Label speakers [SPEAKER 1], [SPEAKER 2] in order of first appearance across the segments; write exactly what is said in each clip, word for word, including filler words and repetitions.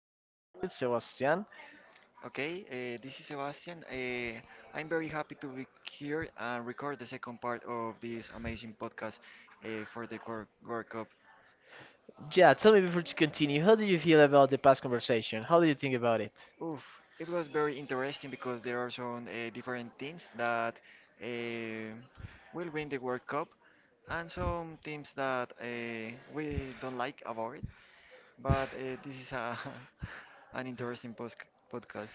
[SPEAKER 1] We are here with Sebastian.
[SPEAKER 2] Okay, uh, this is Sebastian. Uh, I'm very happy to be here and record the second part of this amazing podcast uh, for the Cor- World Cup.
[SPEAKER 1] Yeah, tell me before to continue, how do you feel about the past conversation? How do you think about it?
[SPEAKER 2] Oof, it was very interesting because there are some uh, different teams that uh, will win the World Cup and some teams that uh, we don't like about it. But uh, this is a, an interesting post- podcast.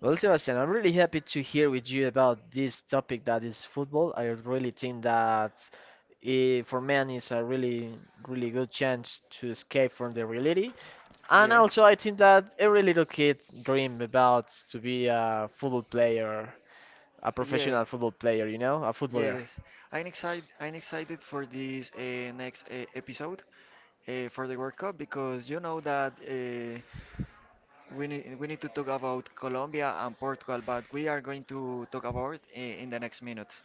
[SPEAKER 1] Well, Sebastian, I'm really happy to hear with you about this topic that is football. I really think that eh, for men it's a really, really good chance to escape from the reality. And
[SPEAKER 2] Yes,
[SPEAKER 1] also, I think that every little kid dream about to be a football player, a
[SPEAKER 2] yes.
[SPEAKER 1] professional football player, you know, a footballer.
[SPEAKER 2] Yes, I'm excited. I'm excited for this uh, next uh, episode uh, for the World Cup because you know that uh, we need we need to talk about Colombia and Portugal, but we are going to talk about it uh, in the next minutes.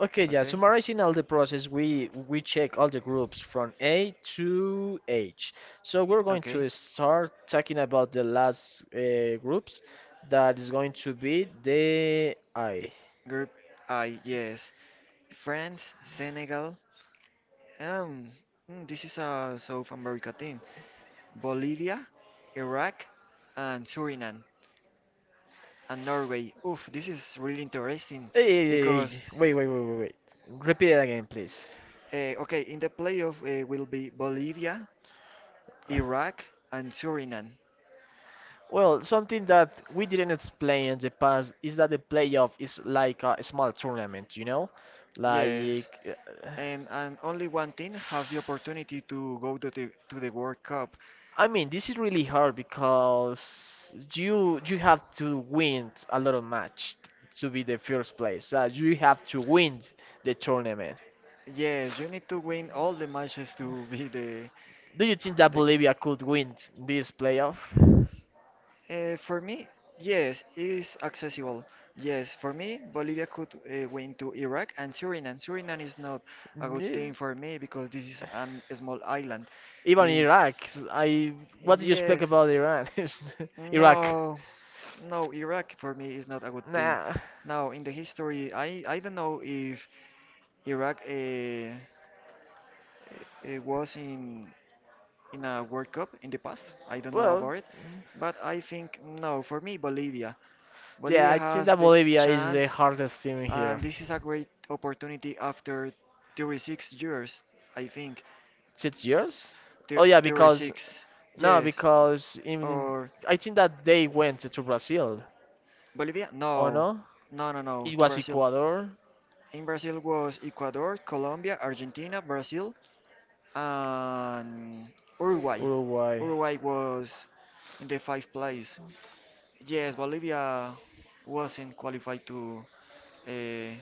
[SPEAKER 1] Okay, yeah,
[SPEAKER 2] Okay?
[SPEAKER 1] summarizing all the process, we we check all the groups from A to H. So we're going
[SPEAKER 2] Okay.
[SPEAKER 1] to start talking about the last uh, groups that is going to be the I.
[SPEAKER 2] Group I, yes. France, Senegal. Um, mm, this is a South America team. Bolivia, Iraq, and Suriname. And Norway. Oof, this is really interesting
[SPEAKER 1] Eh, eh, eh, eh,
[SPEAKER 2] because,
[SPEAKER 1] Wait, wait, wait, wait, wait. Repeat it again, please.
[SPEAKER 2] uh, okay, in the playoff uh, will be Bolivia, Iraq, and Suriname.
[SPEAKER 1] Well, something that we didn't explain in the past is that the playoff is like a small tournament, you know? Like
[SPEAKER 2] Yes,
[SPEAKER 1] uh,
[SPEAKER 2] and, and only one team has the opportunity to go to the, to the World Cup.
[SPEAKER 1] I mean, this is really hard because you you have to win a lot of match to be the first place. Uh, you have to win the tournament.
[SPEAKER 2] Yes, you need to win all the matches to be the,
[SPEAKER 1] Do you think that
[SPEAKER 2] the
[SPEAKER 1] Bolivia could win this playoff?
[SPEAKER 2] Uh, for me, yes, is accessible. Yes, for me, Bolivia could uh, win to Iraq and Suriname. Suriname is not a good thing
[SPEAKER 1] Mm,
[SPEAKER 2] for me because this is an, a small island.
[SPEAKER 1] Even
[SPEAKER 2] In
[SPEAKER 1] Iraq.
[SPEAKER 2] s-
[SPEAKER 1] I what do you expect
[SPEAKER 2] yes,
[SPEAKER 1] about Iran? Iraq.
[SPEAKER 2] no, no, Iraq for me is not a good thing.
[SPEAKER 1] Nah.
[SPEAKER 2] Now, in the history, I, I don't know if Iraq uh, uh, was in in a World Cup in the past. I don't know
[SPEAKER 1] Well,
[SPEAKER 2] about it, but I think no, for me, Bolivia.
[SPEAKER 1] yeah,
[SPEAKER 2] Bolivia
[SPEAKER 1] I think
[SPEAKER 2] has
[SPEAKER 1] that
[SPEAKER 2] the
[SPEAKER 1] Bolivia is the
[SPEAKER 2] chance,
[SPEAKER 1] hardest team here.
[SPEAKER 2] and this is a great opportunity after thirty-six years, I think.
[SPEAKER 1] Six years? Oh
[SPEAKER 2] Thir-
[SPEAKER 1] yeah, because
[SPEAKER 2] thirty-six,
[SPEAKER 1] no,
[SPEAKER 2] yes.
[SPEAKER 1] because in
[SPEAKER 2] Or
[SPEAKER 1] I think that they went to Brazil.
[SPEAKER 2] Bolivia?
[SPEAKER 1] Oh
[SPEAKER 2] No.
[SPEAKER 1] no,
[SPEAKER 2] No, no, no,
[SPEAKER 1] it
[SPEAKER 2] to
[SPEAKER 1] was
[SPEAKER 2] Brazil.
[SPEAKER 1] Ecuador,
[SPEAKER 2] In Brazil was Ecuador, Colombia, Argentina, Brazil, and Uruguay.
[SPEAKER 1] Uruguay.
[SPEAKER 2] Uruguay was in the fifth place. Yes, Bolivia wasn't qualified to uh,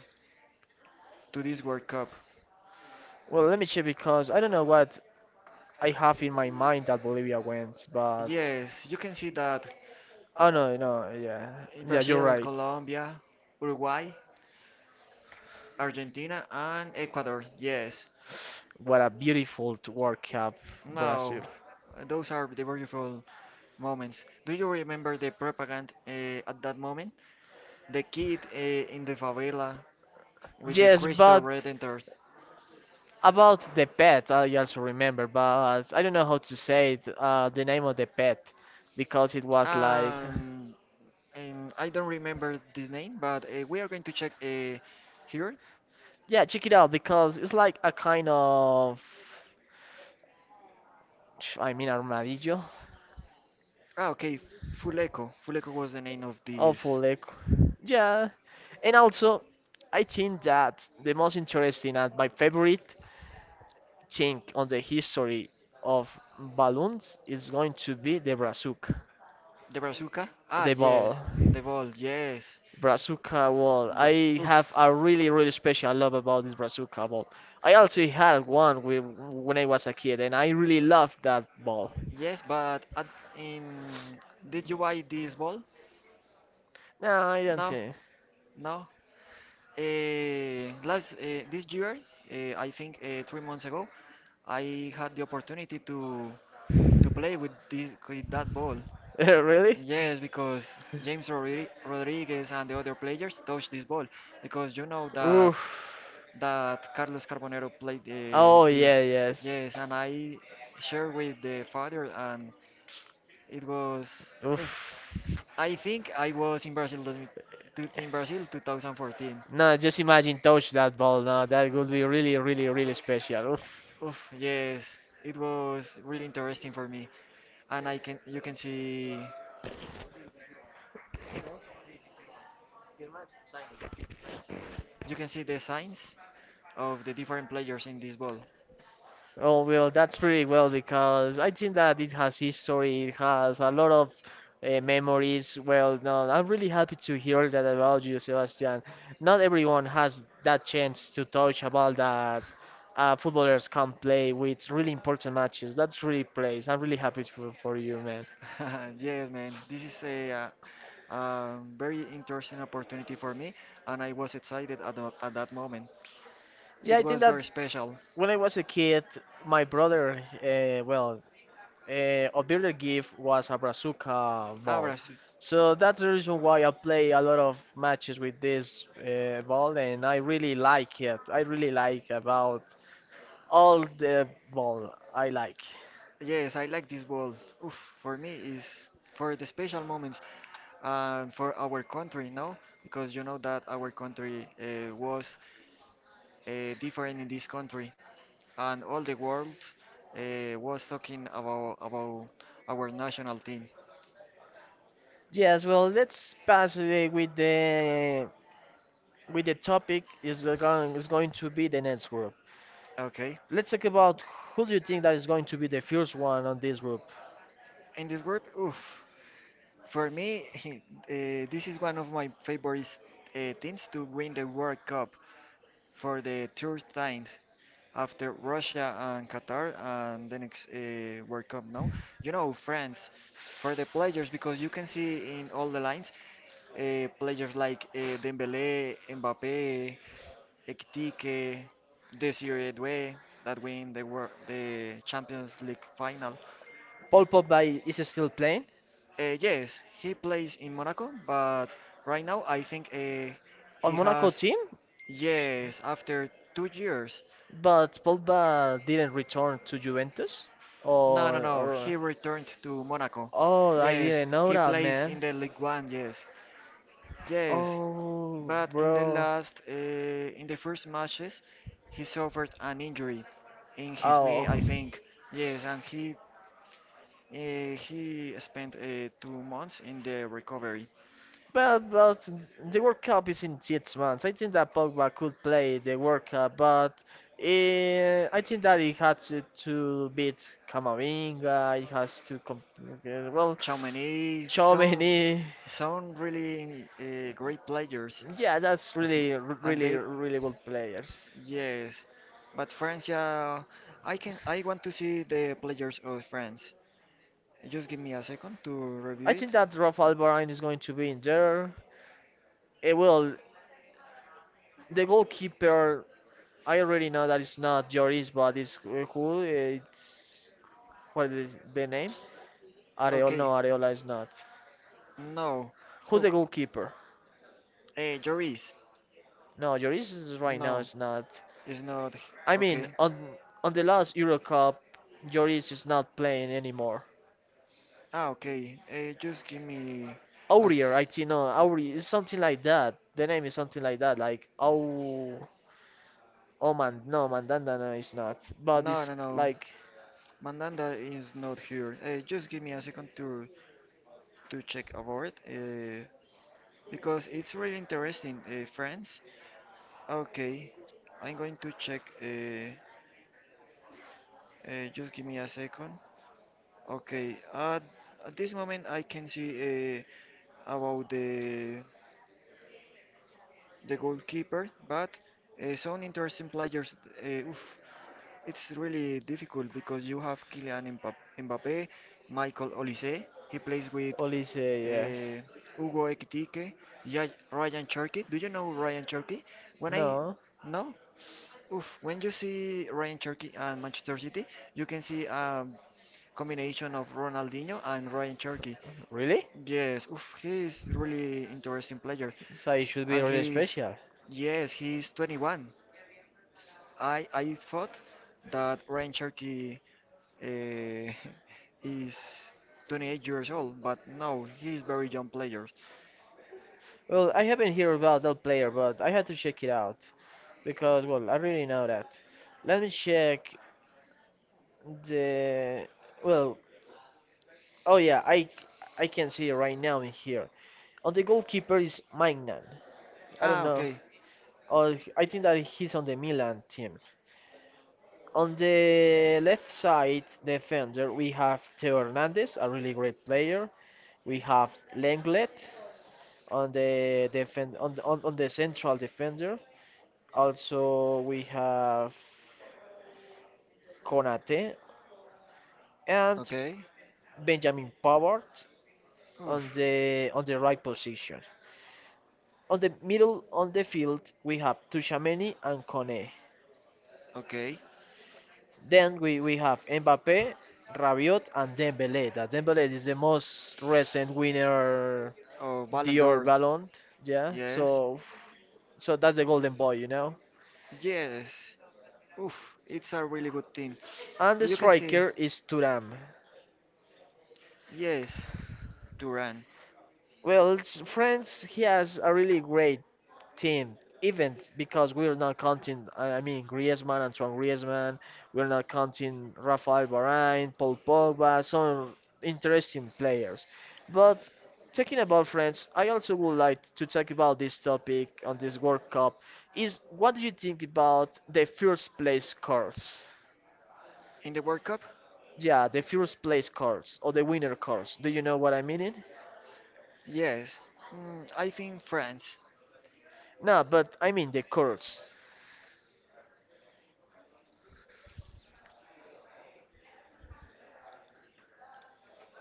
[SPEAKER 2] to this World Cup.
[SPEAKER 1] Well, let me check because I don't know what I have in my mind that Bolivia went, but
[SPEAKER 2] Yes, you can see that
[SPEAKER 1] oh no, no, yeah,
[SPEAKER 2] in
[SPEAKER 1] yeah, you're
[SPEAKER 2] Brazil,
[SPEAKER 1] right.
[SPEAKER 2] Colombia, Uruguay, Argentina, and Ecuador. Yes.
[SPEAKER 1] What a beautiful t- World Cup,
[SPEAKER 2] No,
[SPEAKER 1] Brazil.
[SPEAKER 2] those are the beautiful moments. Do you remember the propaganda uh, at that moment? The kid uh, in the favela with the
[SPEAKER 1] Yes,
[SPEAKER 2] crystal
[SPEAKER 1] but
[SPEAKER 2] redentor.
[SPEAKER 1] about the pet, I just remember, but I don't know how to say it, uh, the name of the pet, because it was like,
[SPEAKER 2] Um, and I don't remember this name, but uh, we are going to check uh, here.
[SPEAKER 1] yeah, check it out, because it's like a kind of, I mean, armadillo.
[SPEAKER 2] Ah, okay, Fuleco. Fuleco was the name of this.
[SPEAKER 1] Awful echo. Yeah. And also, I think that the most interesting and my favorite thing on the history of balloons is going to be the brazuca,
[SPEAKER 2] The bazooka? Ah,
[SPEAKER 1] the ball.
[SPEAKER 2] yes. The ball, yes.
[SPEAKER 1] Brazuca ball.
[SPEAKER 2] But,
[SPEAKER 1] I
[SPEAKER 2] oof.
[SPEAKER 1] have a really, really special love about this Brazuca ball. I also had one with, when I was a kid, and I really loved that ball.
[SPEAKER 2] Yes, but at, in did you buy this ball?
[SPEAKER 1] No, I don't
[SPEAKER 2] No,
[SPEAKER 1] think.
[SPEAKER 2] no. Uh, last uh, this year, uh, I think uh, three months ago, I had the opportunity to to play with this with that ball.
[SPEAKER 1] Really?
[SPEAKER 2] Yes, because James Rodri Rodriguez and the other players touched this ball because you know that
[SPEAKER 1] Oof.
[SPEAKER 2] that Carlos Carbonero played uh,
[SPEAKER 1] Oh
[SPEAKER 2] this.
[SPEAKER 1] yeah, yes.
[SPEAKER 2] Yes, and I shared with the father, and it was
[SPEAKER 1] Oof.
[SPEAKER 2] oof, I think I was in Brazil dos two- in Brazil two thousand fourteen.
[SPEAKER 1] No, just imagine touch that ball. No, that would be really, really, really special. Oof.
[SPEAKER 2] Oof, yes, it was really interesting for me, and I can you can see you can see the signs of the different players in this ball.
[SPEAKER 1] Oh, well, that's pretty well because I think that it has history, it has a lot of uh, memories. Well, no, I'm really happy to hear that about you, Sebastian. Not everyone has that chance to touch a ball that uh, footballers can play with really important matches. That's really praise. I'm really happy for, for you, man.
[SPEAKER 2] Yes, man, this is a, uh, um, very interesting opportunity for me, and I was excited at, tho- at that moment.
[SPEAKER 1] Yeah,
[SPEAKER 2] It
[SPEAKER 1] I think
[SPEAKER 2] was
[SPEAKER 1] that
[SPEAKER 2] very special.
[SPEAKER 1] when I was a kid, my brother, uh, well, uh, of Builder Gift was a Brazuca ball.
[SPEAKER 2] Abra,
[SPEAKER 1] So that's the reason why I play a lot of matches with this uh, ball, and I really like it. I really like about all the ball I like.
[SPEAKER 2] yes, I like this ball. Oof, for me is for the special moments and for our country, no? Because you know that our country uh, was uh, different in this country, and all the world uh, was talking about about our national team.
[SPEAKER 1] Yes, well, let's pass uh, with the with the topic is uh, going is going to be the next group.
[SPEAKER 2] Okay,
[SPEAKER 1] Let's talk about who do you think that is going to be the first one on this group.
[SPEAKER 2] in this group, oof, for me, uh, this is one of my favorite uh, teams to win the World Cup for the third time, after Russia and Qatar and the next uh, World Cup now. You know, France for the players because you can see in all the lines uh, players like uh, Dembélé, Mbappé, Ekitike, Desiree Doué that win the wor the Champions League final.
[SPEAKER 1] Paul Pogba is still playing
[SPEAKER 2] Uh, yes, he plays in Monaco, but right now I think uh,
[SPEAKER 1] on
[SPEAKER 2] he
[SPEAKER 1] Monaco
[SPEAKER 2] has
[SPEAKER 1] team.
[SPEAKER 2] yes after two years.
[SPEAKER 1] But Pogba didn't return to Juventus?
[SPEAKER 2] No, no,
[SPEAKER 1] Or,
[SPEAKER 2] no.
[SPEAKER 1] or
[SPEAKER 2] He returned to Monaco.
[SPEAKER 1] oh, I
[SPEAKER 2] Yes,
[SPEAKER 1] didn't know
[SPEAKER 2] he
[SPEAKER 1] that,
[SPEAKER 2] plays in
[SPEAKER 1] man.
[SPEAKER 2] the League One. Yes, yes.
[SPEAKER 1] Oh,
[SPEAKER 2] But in the
[SPEAKER 1] bro.
[SPEAKER 2] last, uh, in the first matches, he suffered an injury in his knee, I
[SPEAKER 1] Oh.
[SPEAKER 2] think. Yes, and he uh, he spent uh, two months in the recovery.
[SPEAKER 1] Well, but the World Cup is in six months. I think that Pogba could play the World Cup, but eh, I think that he had to, to beat Camavinga. He has to comp- well,
[SPEAKER 2] Chamonix, some
[SPEAKER 1] Tchouaméni.
[SPEAKER 2] some really uh, great players,
[SPEAKER 1] Yeah, that's really,
[SPEAKER 2] and
[SPEAKER 1] really,
[SPEAKER 2] they.
[SPEAKER 1] really good players.
[SPEAKER 2] Yes, but France, yeah, I can. I want to see the players of France. Just give me a second to review
[SPEAKER 1] I
[SPEAKER 2] it.
[SPEAKER 1] think that Rafa Alvarez is going to be in there. Eh, well, the goalkeeper, I already know that it's not Joris, but it's uh, who? eh, It's what is the name? Areola? No,
[SPEAKER 2] Okay,
[SPEAKER 1] Areola is not.
[SPEAKER 2] no.
[SPEAKER 1] Who's
[SPEAKER 2] Oh,
[SPEAKER 1] the goalkeeper?
[SPEAKER 2] eh, Joris.
[SPEAKER 1] No, Joris is right now
[SPEAKER 2] No,
[SPEAKER 1] is not.
[SPEAKER 2] it's not.
[SPEAKER 1] I mean,
[SPEAKER 2] Okay.
[SPEAKER 1] on on the last Euro Cup, Joris is not playing anymore.
[SPEAKER 2] Ah, okay. Eh, just give me a.
[SPEAKER 1] Aurier,
[SPEAKER 2] s-
[SPEAKER 1] I think no, Aurier, it's something like that. The name is something like that, like oh, oh man, no, Mandandana is not, but
[SPEAKER 2] No,
[SPEAKER 1] it's
[SPEAKER 2] no, no.
[SPEAKER 1] like
[SPEAKER 2] Mandanda is not here. Eh, just give me a second to to check about it. Eh, because it's really interesting. Eh, France. Okay, I'm going to check. Uh, uh, just give me a second. Okay, at, at this moment I can see uh, about the the goalkeeper, but uh, some interesting players. Uh, oof, it's really difficult because you have Kylian Mbap- Mbappé, Michael Olise. He plays with
[SPEAKER 1] Olise,
[SPEAKER 2] uh,
[SPEAKER 1] yes.
[SPEAKER 2] Hugo Ekitike, Ya- Ryan Cherky. Do you know Ryan Cherky? When I
[SPEAKER 1] No,
[SPEAKER 2] No. Oof, when you see Ryan Cherky and Manchester City, you can see a combination of Ronaldinho and Ryan Cherky.
[SPEAKER 1] really?
[SPEAKER 2] Yes, oof, he's really interesting player,
[SPEAKER 1] So it should be
[SPEAKER 2] and
[SPEAKER 1] really
[SPEAKER 2] he's
[SPEAKER 1] special.
[SPEAKER 2] yes, he's twenty-one. I I thought that Ryan Cherky uh, is twenty-eight years old, but no, he's very young player.
[SPEAKER 1] Well, I haven't heard about that player, but I had to check it out because well, I really know that. Let me check the well. Oh yeah, I I can see it right now in here. On the goalkeeper is Magnan. I don't
[SPEAKER 2] Ah,
[SPEAKER 1] know,
[SPEAKER 2] okay,
[SPEAKER 1] oh, I think that he's on the Milan team. On the left side defender, we have Theo Hernandez, a really great player. We have Lenglet on the defend on the, on, on the central defender. Also, we have Konate and
[SPEAKER 2] okay,
[SPEAKER 1] Benjamin Pavard on
[SPEAKER 2] oof,
[SPEAKER 1] the on the right position. On the middle on the field, we have Tushimeni and Kone.
[SPEAKER 2] okay.
[SPEAKER 1] Then we, we have Mbappe, Rabiot, and Dembele. That Dembele is the most recent winner,
[SPEAKER 2] Oh, Ballon
[SPEAKER 1] Dior
[SPEAKER 2] d'Or,
[SPEAKER 1] Ballon. Yeah,
[SPEAKER 2] yes.
[SPEAKER 1] so so that's the golden boy, you know.
[SPEAKER 2] Yes. Oof, it's a really good team.
[SPEAKER 1] And the
[SPEAKER 2] You can see.
[SPEAKER 1] striker is Turam.
[SPEAKER 2] Yes, Duran.
[SPEAKER 1] Well, s- France he has a really great team event because we're not counting. I I mean, Griezmann, Antoine Griezmann. We're not counting Rafael Varane, Paul Pogba, some interesting players. But talking about France, I also would like to talk about this topic on this World Cup. Is what do you think about the first place cards?
[SPEAKER 2] In the World Cup?
[SPEAKER 1] Yeah, the first place cards or the winner cards. Do you know what I mean? It?
[SPEAKER 2] Yes. Mm, I think France.
[SPEAKER 1] No, but I mean the cards,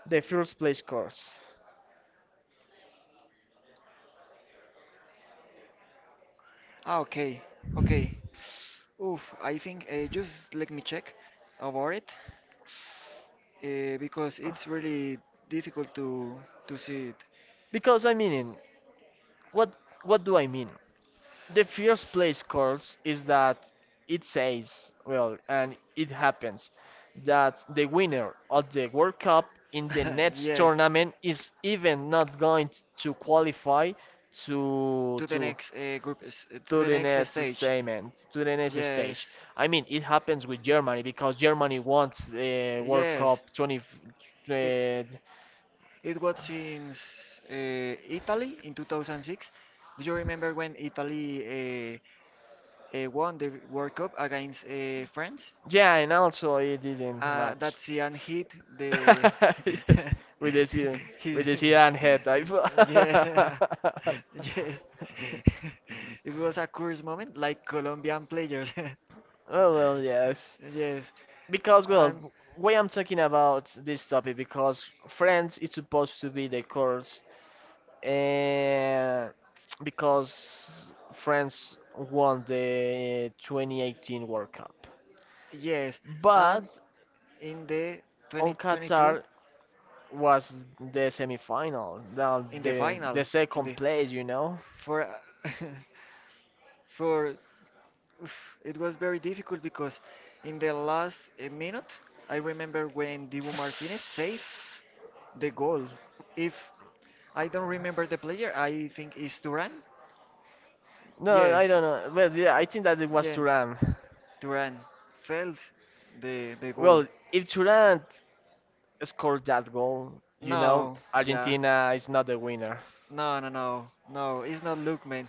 [SPEAKER 1] the first place cards.
[SPEAKER 2] Ah, okay. Okay. Oof, I think uh, just let me check about it uh, because it's really difficult to to see it.
[SPEAKER 1] Because I mean, what what do I mean? The first place course is that it says, well, and it happens that the winner of the World Cup in the next
[SPEAKER 2] Yes,
[SPEAKER 1] tournament is even not going to qualify to
[SPEAKER 2] to the
[SPEAKER 1] to
[SPEAKER 2] next uh, group, s- to
[SPEAKER 1] to
[SPEAKER 2] the
[SPEAKER 1] the
[SPEAKER 2] next
[SPEAKER 1] next
[SPEAKER 2] stage.
[SPEAKER 1] statement, to the next stage.
[SPEAKER 2] Yes.
[SPEAKER 1] I mean, it happens with Germany because Germany wants the World
[SPEAKER 2] Yes,
[SPEAKER 1] Cup twenty,
[SPEAKER 2] it,
[SPEAKER 1] uh,
[SPEAKER 2] it was since uh, Italy in two thousand six. Do you remember when Italy uh, uh, won the World Cup against uh, France?
[SPEAKER 1] yeah, and also it didn't
[SPEAKER 2] Uh, that
[SPEAKER 1] match.
[SPEAKER 2] Zidane hit the.
[SPEAKER 1] Yes, with the Zidane,
[SPEAKER 2] his,
[SPEAKER 1] with the Zidane head type.
[SPEAKER 2] yeah, yes. It was a curious moment, like Colombian players.
[SPEAKER 1] Oh well, yes.
[SPEAKER 2] Yes,
[SPEAKER 1] Because well,
[SPEAKER 2] and
[SPEAKER 1] why I'm talking about this topic because France is supposed to be the course, and because France won the twenty eighteen World Cup.
[SPEAKER 2] yes, and
[SPEAKER 1] But
[SPEAKER 2] in the
[SPEAKER 1] on
[SPEAKER 2] twenty twenty-two.
[SPEAKER 1] Qatar, was the semifinal, the
[SPEAKER 2] In the
[SPEAKER 1] the,
[SPEAKER 2] final
[SPEAKER 1] the
[SPEAKER 2] in
[SPEAKER 1] second
[SPEAKER 2] the
[SPEAKER 1] place, you know.
[SPEAKER 2] for for oof, it was very difficult because in the last uh, minute I remember when Dibu Martinez saved the goal. If I don't remember the player, I think it's Duran.
[SPEAKER 1] No, I
[SPEAKER 2] Yes,
[SPEAKER 1] don't know. Well, yeah, I think that it was
[SPEAKER 2] yeah,
[SPEAKER 1] Turan.
[SPEAKER 2] Duran failed the the goal.
[SPEAKER 1] Well, if Turan scored that goal, you know,
[SPEAKER 2] No, yeah.
[SPEAKER 1] Argentina is not the winner.
[SPEAKER 2] No, no, no, no, it's not Lukman.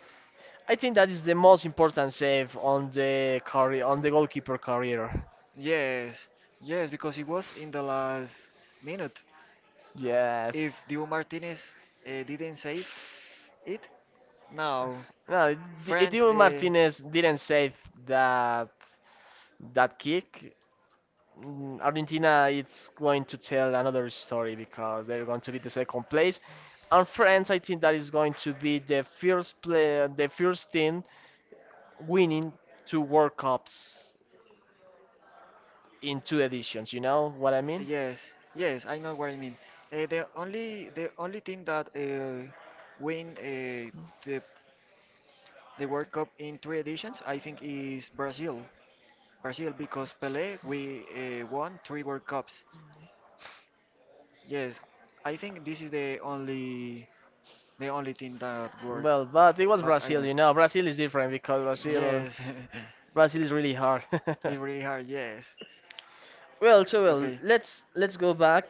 [SPEAKER 1] I think that is the most important save on the career, on the goalkeeper career.
[SPEAKER 2] Yes, yes, because he was in the last minute.
[SPEAKER 1] Yes.
[SPEAKER 2] If Dibu Martinez uh, didn't save it, now
[SPEAKER 1] No, Di-
[SPEAKER 2] France.
[SPEAKER 1] Dibu
[SPEAKER 2] Uh,
[SPEAKER 1] Martinez didn't save that that kick. Mm, Argentina it's going to tell another story because they're going to be the second place. And France, I think that is going to be the first play, the first team winning two World Cups in two editions. You know what I mean?
[SPEAKER 2] yes, yes, I know what I mean. Uh, the only the only team that uh, win uh, the the World Cup in three editions, I think, is Brazil. Brazil because Pelé we uh, won three World Cups. Yes, I think this is the only the only team that worked,
[SPEAKER 1] Well, but it was
[SPEAKER 2] but I
[SPEAKER 1] Brazil.
[SPEAKER 2] don't.
[SPEAKER 1] You know, Brazil is different because Brazil,
[SPEAKER 2] Yes,
[SPEAKER 1] Brazil is really hard.
[SPEAKER 2] it's really hard. Yes.
[SPEAKER 1] Well, so well,
[SPEAKER 2] Okay.
[SPEAKER 1] let's let's go back.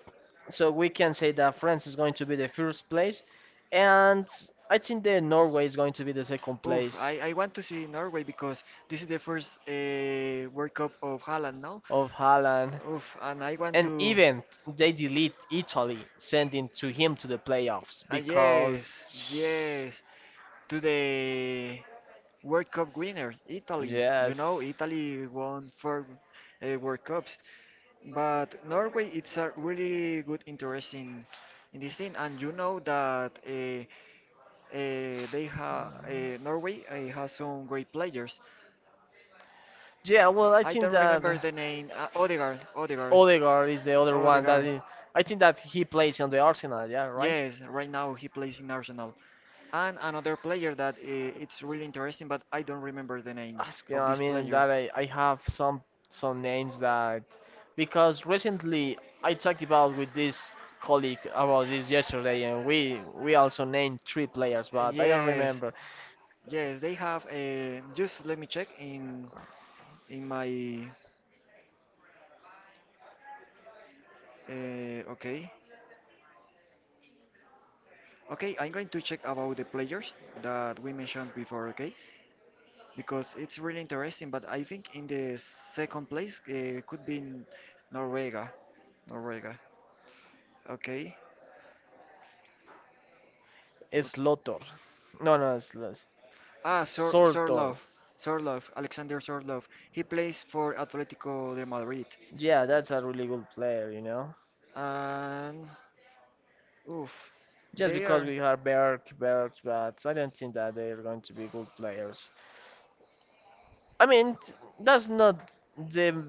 [SPEAKER 1] So we can say that France is going to be the first place, and I think that Norway is going to be the second
[SPEAKER 2] Oof,
[SPEAKER 1] place.
[SPEAKER 2] I, I want to see Norway because this is the first uh, World Cup of Haaland, no?
[SPEAKER 1] Of Haaland.
[SPEAKER 2] Oof, and I want
[SPEAKER 1] And
[SPEAKER 2] to.
[SPEAKER 1] even they delete Italy, sending to him to the playoffs
[SPEAKER 2] Uh, yes,
[SPEAKER 1] because
[SPEAKER 2] yes. To the World Cup winner, Italy. You know,
[SPEAKER 1] yes,
[SPEAKER 2] Italy won four uh, World Cups, but Norway it's a really good interest in in this thing. And you know that uh, Uh, they ha uh, Norway uh, has some great players.
[SPEAKER 1] yeah. Well, I
[SPEAKER 2] I
[SPEAKER 1] think
[SPEAKER 2] don't
[SPEAKER 1] that
[SPEAKER 2] remember the name. Uh, Odegaard, Odegaard,
[SPEAKER 1] Odegaard is the other one that
[SPEAKER 2] Odegaard.
[SPEAKER 1] is, I think that he plays on the Arsenal. Yeah, right.
[SPEAKER 2] Yes, right now he plays in Arsenal. And another player that uh, it's really interesting, but I don't remember the name
[SPEAKER 1] Ask-
[SPEAKER 2] of
[SPEAKER 1] I
[SPEAKER 2] this
[SPEAKER 1] mean
[SPEAKER 2] player.
[SPEAKER 1] that I, I have some some names that because recently I talked about with this colleague about this yesterday and we we also named three players but I don't
[SPEAKER 2] Yes,
[SPEAKER 1] remember.
[SPEAKER 2] yes, they have. Uh, just let me check in in my. Uh, okay. Okay, I'm going to check about the players that we mentioned before, okay? Because it's really interesting, but I think in the second place uh, could be in Norvega. Norvega. Okay.
[SPEAKER 1] It's Lotor. No no it's, it's
[SPEAKER 2] Ah, Sor
[SPEAKER 1] Sortor.
[SPEAKER 2] Sorlov. Sorlov, Alexander Sorlov. He plays for Atletico de Madrid.
[SPEAKER 1] Yeah, that's a really good player, you know.
[SPEAKER 2] And oof,
[SPEAKER 1] Just
[SPEAKER 2] they
[SPEAKER 1] because
[SPEAKER 2] are
[SPEAKER 1] we have Berk, Berk, but I don't think that they're going to be good players. I mean, t- that's not the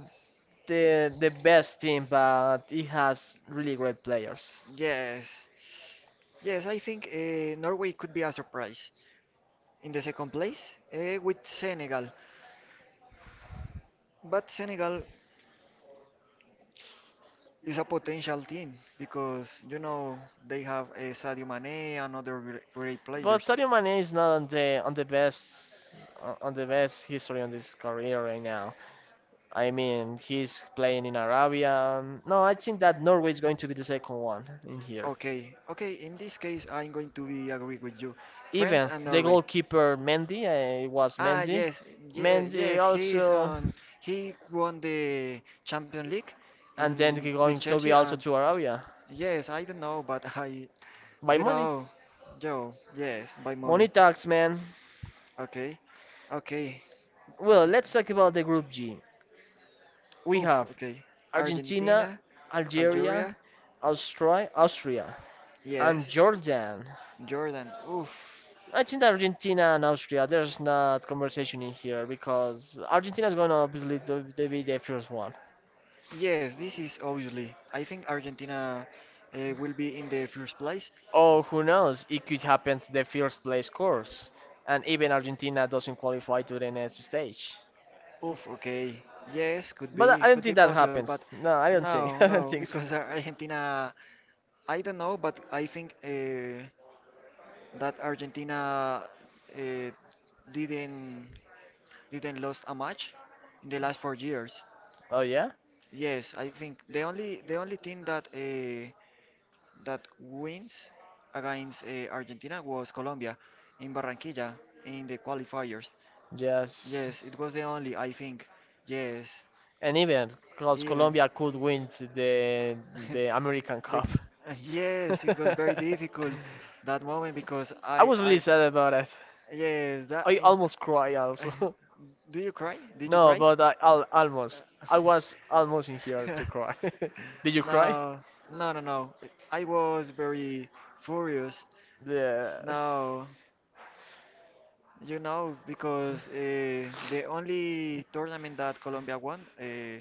[SPEAKER 1] the the best team, but it has really great players.
[SPEAKER 2] yes. Yes, I think uh, Norway could be a surprise in the second place uh, with Senegal. But Senegal it's a potential team because you know they have a Sadio Mane and other gr- great
[SPEAKER 1] But
[SPEAKER 2] players.
[SPEAKER 1] Sadio Mane is not on the on the best on the best history on this career right now. I mean, he's playing in Arabia. No, I think that Norway is going to be the second one in here.
[SPEAKER 2] Okay, okay. In this case, I'm going to be agree with you. France
[SPEAKER 1] Even
[SPEAKER 2] and
[SPEAKER 1] the
[SPEAKER 2] Norway.
[SPEAKER 1] goalkeeper Mendy, uh, it was
[SPEAKER 2] Ah,
[SPEAKER 1] Mendy.
[SPEAKER 2] yes, ye- yes.
[SPEAKER 1] Mendy
[SPEAKER 2] He is
[SPEAKER 1] also,
[SPEAKER 2] on. He won the Champions League in
[SPEAKER 1] and then he
[SPEAKER 2] with
[SPEAKER 1] going to
[SPEAKER 2] Chelsea,
[SPEAKER 1] be also
[SPEAKER 2] and
[SPEAKER 1] to Arabia
[SPEAKER 2] yes, I don't know, but I,
[SPEAKER 1] by
[SPEAKER 2] you
[SPEAKER 1] money.
[SPEAKER 2] know, Joe. Yes, by
[SPEAKER 1] Money
[SPEAKER 2] money.
[SPEAKER 1] talks, man.
[SPEAKER 2] Okay, okay.
[SPEAKER 1] Well, let's talk about the Group G. We
[SPEAKER 2] Oof,
[SPEAKER 1] have
[SPEAKER 2] okay.
[SPEAKER 1] Argentina,
[SPEAKER 2] Argentina,
[SPEAKER 1] Algeria,
[SPEAKER 2] Algeria,
[SPEAKER 1] Austria, Austria, and
[SPEAKER 2] yes.
[SPEAKER 1] Jordan.
[SPEAKER 2] Jordan, oof.
[SPEAKER 1] I think that Argentina and Austria, there's not conversation in here because Argentina is gonna obviously to- to be the first one.
[SPEAKER 2] Yes, this is obviously. I think Argentina uh, will be in the first place.
[SPEAKER 1] Oh, who knows, it could happen to the first place course, and even Argentina doesn't qualify to the next stage.
[SPEAKER 2] Oof, okay. Yes, could
[SPEAKER 1] But I
[SPEAKER 2] be,
[SPEAKER 1] I don't
[SPEAKER 2] could be
[SPEAKER 1] think that
[SPEAKER 2] possible,
[SPEAKER 1] happens.
[SPEAKER 2] but
[SPEAKER 1] No, I don't think.
[SPEAKER 2] no,
[SPEAKER 1] I don't
[SPEAKER 2] no,
[SPEAKER 1] think so.
[SPEAKER 2] because Ar- Argentina, I don't know, but I think uh, that Argentina uh, didn't didn't lost a match in the last four years.
[SPEAKER 1] Oh yeah?
[SPEAKER 2] Yes, I think the only the only team that uh, that wins against uh, Argentina was Colombia in Barranquilla in the qualifiers.
[SPEAKER 1] Yes.
[SPEAKER 2] Yes, it was the only, I think. Yes,
[SPEAKER 1] And even because
[SPEAKER 2] even.
[SPEAKER 1] Colombia could win the the American
[SPEAKER 2] The,
[SPEAKER 1] Cup.
[SPEAKER 2] yes, it was very difficult that moment because
[SPEAKER 1] I
[SPEAKER 2] I,
[SPEAKER 1] was really
[SPEAKER 2] I,
[SPEAKER 1] sad about it.
[SPEAKER 2] yes, that.
[SPEAKER 1] I
[SPEAKER 2] In-
[SPEAKER 1] almost cried also.
[SPEAKER 2] do you cry? Did you
[SPEAKER 1] No,
[SPEAKER 2] cry?
[SPEAKER 1] but I al almost. I
[SPEAKER 2] Uh,
[SPEAKER 1] was almost in here to cry. Did you cry?
[SPEAKER 2] no, no, no, no. I was very furious.
[SPEAKER 1] Yeah.
[SPEAKER 2] No, you know, because uh, the only tournament that Colombia won, uh,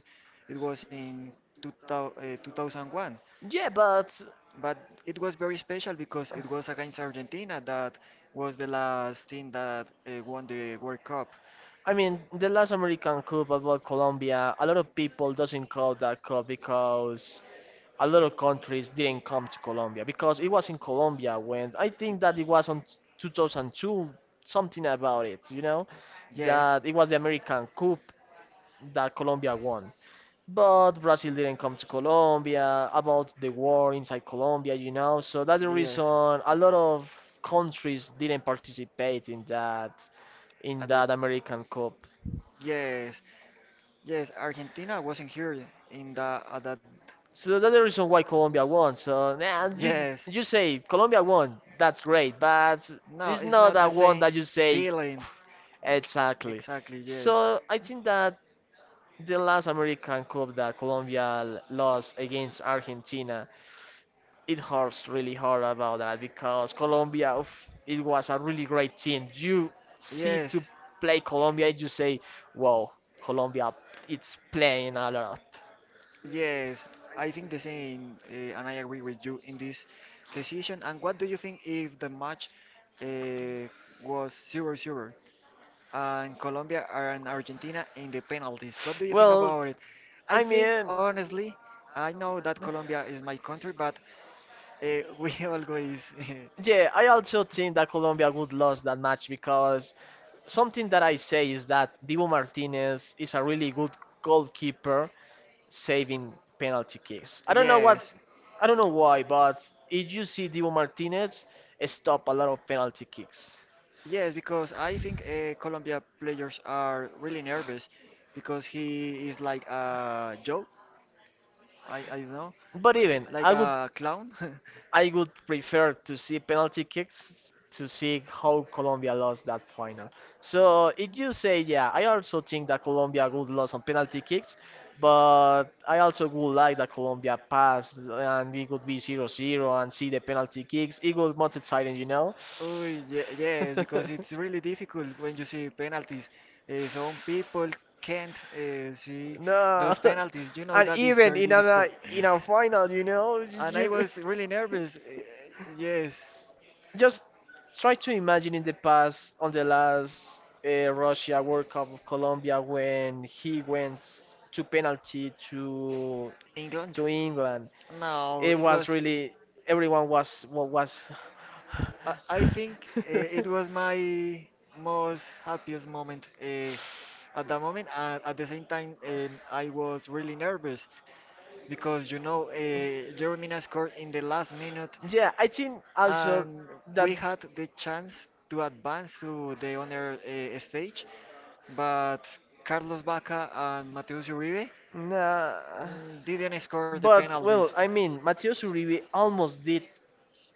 [SPEAKER 2] it was in two thousand, uh, two thousand one.
[SPEAKER 1] Yeah, but
[SPEAKER 2] But it was very special because it was against Argentina that was the last team that uh, won the World Cup.
[SPEAKER 1] I mean, the last American Cup about Colombia, a lot of people doesn't call that cup because a lot of countries didn't come to Colombia because it was in Colombia when I think that it was on twenty oh two something about it, you know,
[SPEAKER 2] Yes.
[SPEAKER 1] That it was the American Cup that Colombia won. But Brazil didn't come to Colombia about the war inside Colombia, you know, so that's the reason
[SPEAKER 2] Yes.
[SPEAKER 1] a lot of countries didn't participate in that in
[SPEAKER 2] At that,
[SPEAKER 1] that American Cup.
[SPEAKER 2] yes, yes, Argentina wasn't here in the at that.
[SPEAKER 1] So that's the reason why Colombia won. So yeah, you
[SPEAKER 2] Yes,
[SPEAKER 1] you say Colombia won, that's great, but
[SPEAKER 2] no,
[SPEAKER 1] it's
[SPEAKER 2] it's
[SPEAKER 1] not
[SPEAKER 2] not the
[SPEAKER 1] that one
[SPEAKER 2] same
[SPEAKER 1] that you say
[SPEAKER 2] feeling.
[SPEAKER 1] exactly.
[SPEAKER 2] Exactly, yes.
[SPEAKER 1] So I think that the last American Cup that Colombia l- lost against Argentina, it hurts really hard about that because Colombia, oof, it was a really great team. You see to
[SPEAKER 2] Yes.
[SPEAKER 1] play Colombia, and you say, wow, Colombia, it's playing a lot.
[SPEAKER 2] Yes, I think the same, uh, and I agree with you in this decision. And what do you think if the match uh, was zero zero and Colombia and Argentina in the penalties? What do you think
[SPEAKER 1] Well,
[SPEAKER 2] about it? I
[SPEAKER 1] I
[SPEAKER 2] think,
[SPEAKER 1] mean,
[SPEAKER 2] honestly, I know that Colombia is my country, but uh, we always.
[SPEAKER 1] yeah, I also think that Colombia would lose that match because something that I say is that Dibu Martinez is a really good goalkeeper saving penalty kicks. I don't know
[SPEAKER 2] Yes,
[SPEAKER 1] what, I don't know why, but if you see Dibu Martinez stop a lot of penalty kicks.
[SPEAKER 2] yes, because I think uh, Colombia players are really nervous because he is like a Joe, I, I don't know,
[SPEAKER 1] But even
[SPEAKER 2] like
[SPEAKER 1] I would
[SPEAKER 2] a clown.
[SPEAKER 1] I would prefer to see penalty kicks to see how Colombia lost that final. So if you say yeah, I also think that Colombia would lose on penalty kicks, but I also would like that Colombia passed and it would be zero zero and see the penalty kicks. It would not exciting, you know.
[SPEAKER 2] Oh, yeah, yes, because it's really difficult when you see penalties. Uh, some people can't uh, see
[SPEAKER 1] No.
[SPEAKER 2] those penalties. You know
[SPEAKER 1] And
[SPEAKER 2] that is
[SPEAKER 1] even
[SPEAKER 2] very
[SPEAKER 1] in
[SPEAKER 2] difficult.
[SPEAKER 1] a in a final, you know,
[SPEAKER 2] And I
[SPEAKER 1] you
[SPEAKER 2] was really nervous. eh, Yes,
[SPEAKER 1] just try to imagine in the past, on the last uh, Russia World Cup of Colombia, when he went to penalty to
[SPEAKER 2] England?
[SPEAKER 1] to England.
[SPEAKER 2] No,
[SPEAKER 1] It
[SPEAKER 2] it
[SPEAKER 1] was
[SPEAKER 2] was.
[SPEAKER 1] really everyone was wa- was.
[SPEAKER 2] I, I think eh, it was my most happiest moment uh, at that moment. And at the same time, um, I was really nervous because you know uh, Jeremina scored in the last minute,
[SPEAKER 1] Yeah, I think also
[SPEAKER 2] and
[SPEAKER 1] that.
[SPEAKER 2] we had the chance to advance to the honor uh, stage, but. Carlos Baca and Mateus Uribe
[SPEAKER 1] Nah,
[SPEAKER 2] mm, didn't score the
[SPEAKER 1] but
[SPEAKER 2] penalties.
[SPEAKER 1] well, I mean, Matheus Uribe almost did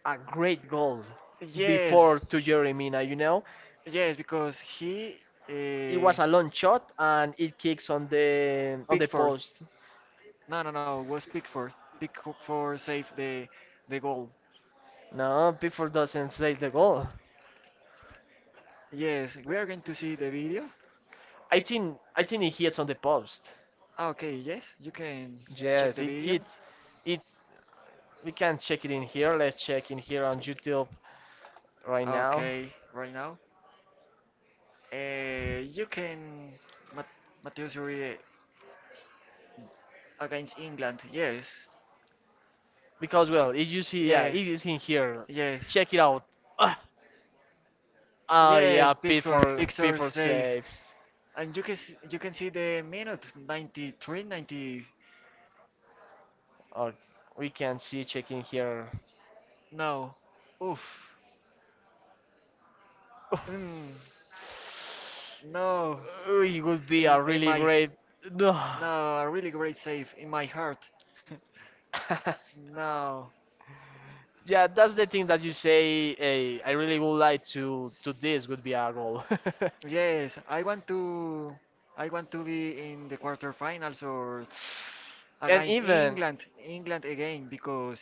[SPEAKER 1] a great goal
[SPEAKER 2] Yes,
[SPEAKER 1] before to Jeremina, you know?
[SPEAKER 2] yes, because he
[SPEAKER 1] It
[SPEAKER 2] uh,
[SPEAKER 1] was a long shot and it kicks on the on the
[SPEAKER 2] Pickford.
[SPEAKER 1] post.
[SPEAKER 2] No, no, no, it was Pickford. Pickford saved the the goal.
[SPEAKER 1] No, before doesn't save the goal.
[SPEAKER 2] Yes, we are going to see the video.
[SPEAKER 1] I think I think it hits on the post.
[SPEAKER 2] Ah, okay, yes, you can
[SPEAKER 1] Yes,
[SPEAKER 2] check the
[SPEAKER 1] it
[SPEAKER 2] video.
[SPEAKER 1] hits. It we can check it in here. Let's check in here on YouTube right now
[SPEAKER 2] Okay, right now. Uh, you can Mat Matheus Uribe against England. Yes,
[SPEAKER 1] because well, if you see, yeah, it
[SPEAKER 2] yes,
[SPEAKER 1] is in here.
[SPEAKER 2] yes.
[SPEAKER 1] Check it out. Ah, oh
[SPEAKER 2] Yes,
[SPEAKER 1] yeah, P
[SPEAKER 2] Pickford,
[SPEAKER 1] for P
[SPEAKER 2] Pickford,
[SPEAKER 1] for saves.
[SPEAKER 2] and you can s- you can see the minute ninety-three, ninety.
[SPEAKER 1] Okay, we can see check in here.
[SPEAKER 2] No, oof, mm, no.
[SPEAKER 1] Uh, It would be
[SPEAKER 2] In
[SPEAKER 1] a
[SPEAKER 2] in
[SPEAKER 1] really
[SPEAKER 2] my
[SPEAKER 1] great. No.
[SPEAKER 2] No, a really great save in my heart. No,
[SPEAKER 1] Yeah, that's the thing that you say. Hey, I really would like to to this would be our goal.
[SPEAKER 2] yes, I want to I want to be in the quarterfinals or
[SPEAKER 1] And
[SPEAKER 2] against
[SPEAKER 1] even
[SPEAKER 2] England, England again because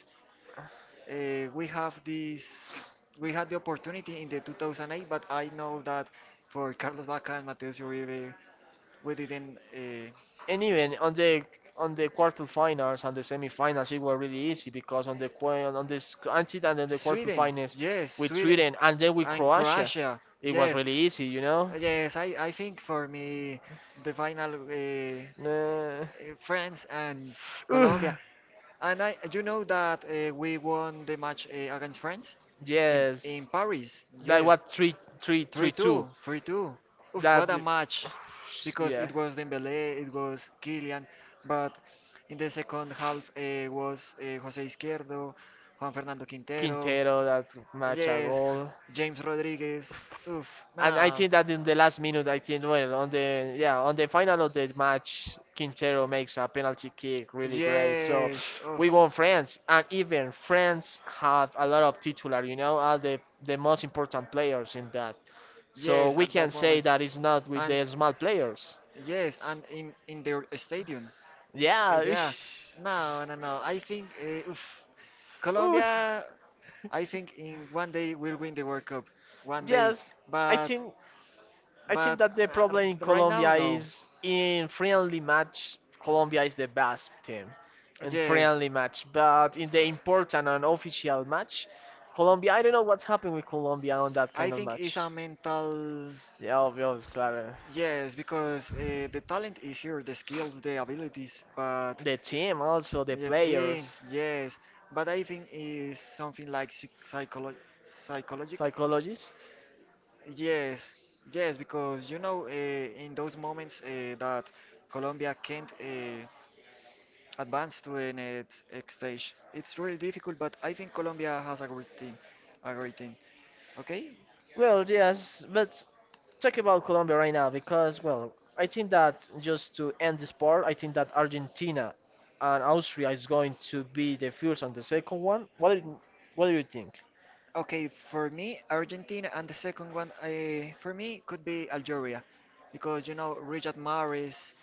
[SPEAKER 2] uh, we have this we had the opportunity in the two thousand eight, but I know that for Carlos Vaca and Mateus Uribe we didn't uh,
[SPEAKER 1] and even on the on the quarterfinals and the semifinals, it was really easy because on the qua- on this until and then the
[SPEAKER 2] Sweden.
[SPEAKER 1] quarterfinals
[SPEAKER 2] Yes,
[SPEAKER 1] with
[SPEAKER 2] Sweden
[SPEAKER 1] Sweden and then with
[SPEAKER 2] and
[SPEAKER 1] Croatia,
[SPEAKER 2] Croatia.
[SPEAKER 1] it was
[SPEAKER 2] Yes,
[SPEAKER 1] really easy, you know.
[SPEAKER 2] yes, i, I think for me the final uh,
[SPEAKER 1] Uh,
[SPEAKER 2] uh, France and
[SPEAKER 1] Ugh,
[SPEAKER 2] Colombia. And I, you know that uh, we won the match uh, against France in in
[SPEAKER 1] yes,
[SPEAKER 2] Paris.
[SPEAKER 1] that
[SPEAKER 2] Yes,
[SPEAKER 1] was three, three, three,
[SPEAKER 2] three two,
[SPEAKER 1] two.
[SPEAKER 2] three two. Oof,
[SPEAKER 1] That,
[SPEAKER 2] what a match! Because
[SPEAKER 1] yeah,
[SPEAKER 2] it was Dembélé, it was Kylian, but in the second half uh, was uh, Jose Izquierdo, Juan Fernando Quintero.
[SPEAKER 1] Quintero that match a
[SPEAKER 2] Yes,
[SPEAKER 1] goal,
[SPEAKER 2] James Rodriguez. Oof,
[SPEAKER 1] and I
[SPEAKER 2] no.
[SPEAKER 1] think that in the last minute, I think well on the yeah on the final of the match, Quintero makes a penalty kick, really great. So
[SPEAKER 2] Yes, oof.
[SPEAKER 1] we won France, and even France had a lot of titular, you know, are the the most important players in that. So
[SPEAKER 2] Yes,
[SPEAKER 1] we
[SPEAKER 2] at
[SPEAKER 1] can
[SPEAKER 2] that
[SPEAKER 1] say
[SPEAKER 2] moment.
[SPEAKER 1] that it's not with
[SPEAKER 2] And
[SPEAKER 1] the small players.
[SPEAKER 2] yes, and in in their stadium. Uh,
[SPEAKER 1] Yeah.
[SPEAKER 2] Yeah.
[SPEAKER 1] Oosh.
[SPEAKER 2] No, no, no. I think uh, oof.
[SPEAKER 1] Oof.
[SPEAKER 2] Colombia. I think in one day will win the World Cup. One day.
[SPEAKER 1] Yes, I
[SPEAKER 2] But
[SPEAKER 1] think I think
[SPEAKER 2] but
[SPEAKER 1] that the
[SPEAKER 2] uh, r-
[SPEAKER 1] problem in
[SPEAKER 2] right now,
[SPEAKER 1] Colombia
[SPEAKER 2] no.
[SPEAKER 1] is in friendly match Colombia is the best team in
[SPEAKER 2] Yes.
[SPEAKER 1] friendly match, but in the important and official match, Colombia I don't know what's happened with Colombia on that
[SPEAKER 2] I
[SPEAKER 1] kind of
[SPEAKER 2] think it's
[SPEAKER 1] match.
[SPEAKER 2] a mental.
[SPEAKER 1] Yeah, obvious, claro.
[SPEAKER 2] Yes, because uh, the talent is here, the skills, the abilities, but
[SPEAKER 1] The team, also the
[SPEAKER 2] the team,
[SPEAKER 1] players.
[SPEAKER 2] yes. But I think is something like psych psycholo psychologic.
[SPEAKER 1] Psychologist?
[SPEAKER 2] Yes, yes, because you know, uh, in those moments uh, that Colombia can't uh, advance to the next next stage, it's really difficult. But I think Colombia has a great team, a great team. Okay.
[SPEAKER 1] Well, yes, but talk about Colombia right now because, well, I think that just to end this part, I think that Argentina and Austria is going to be the first and the second one. What do you, what do you think?
[SPEAKER 2] Okay, for me, Argentina, and the second one, uh, for me, could be Algeria, because you know Richard Maris.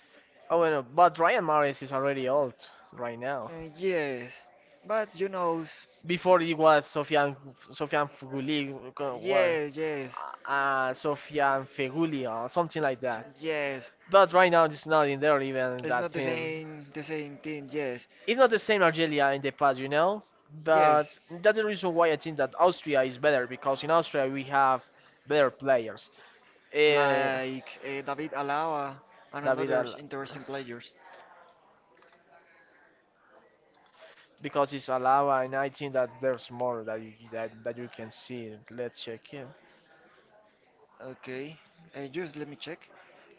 [SPEAKER 1] Oh, well, but Ryan Maris is already old right now.
[SPEAKER 2] Uh, yes, but you know, s-
[SPEAKER 1] Before it was Sofian Sofian Fuguli, well, uh, what,
[SPEAKER 2] yes, yes,
[SPEAKER 1] uh, Sofian Feguli or something like
[SPEAKER 2] s-
[SPEAKER 1] that.
[SPEAKER 2] yes.
[SPEAKER 1] But right now, it's not in there even
[SPEAKER 2] It's
[SPEAKER 1] that
[SPEAKER 2] not the
[SPEAKER 1] team.
[SPEAKER 2] same, the same thing. Yes,
[SPEAKER 1] It's not the same Algeria in the past, you know.
[SPEAKER 2] yes.
[SPEAKER 1] But that's the reason why I think that Austria is better because in Austria we have better players. Uh,
[SPEAKER 2] Like uh, David Alaba and
[SPEAKER 1] David
[SPEAKER 2] another
[SPEAKER 1] Al-
[SPEAKER 2] interesting players.
[SPEAKER 1] because it's Alaba, and I think that there's more that you that, that you can see. Let's check here.
[SPEAKER 2] Okay. Uh, just let me check.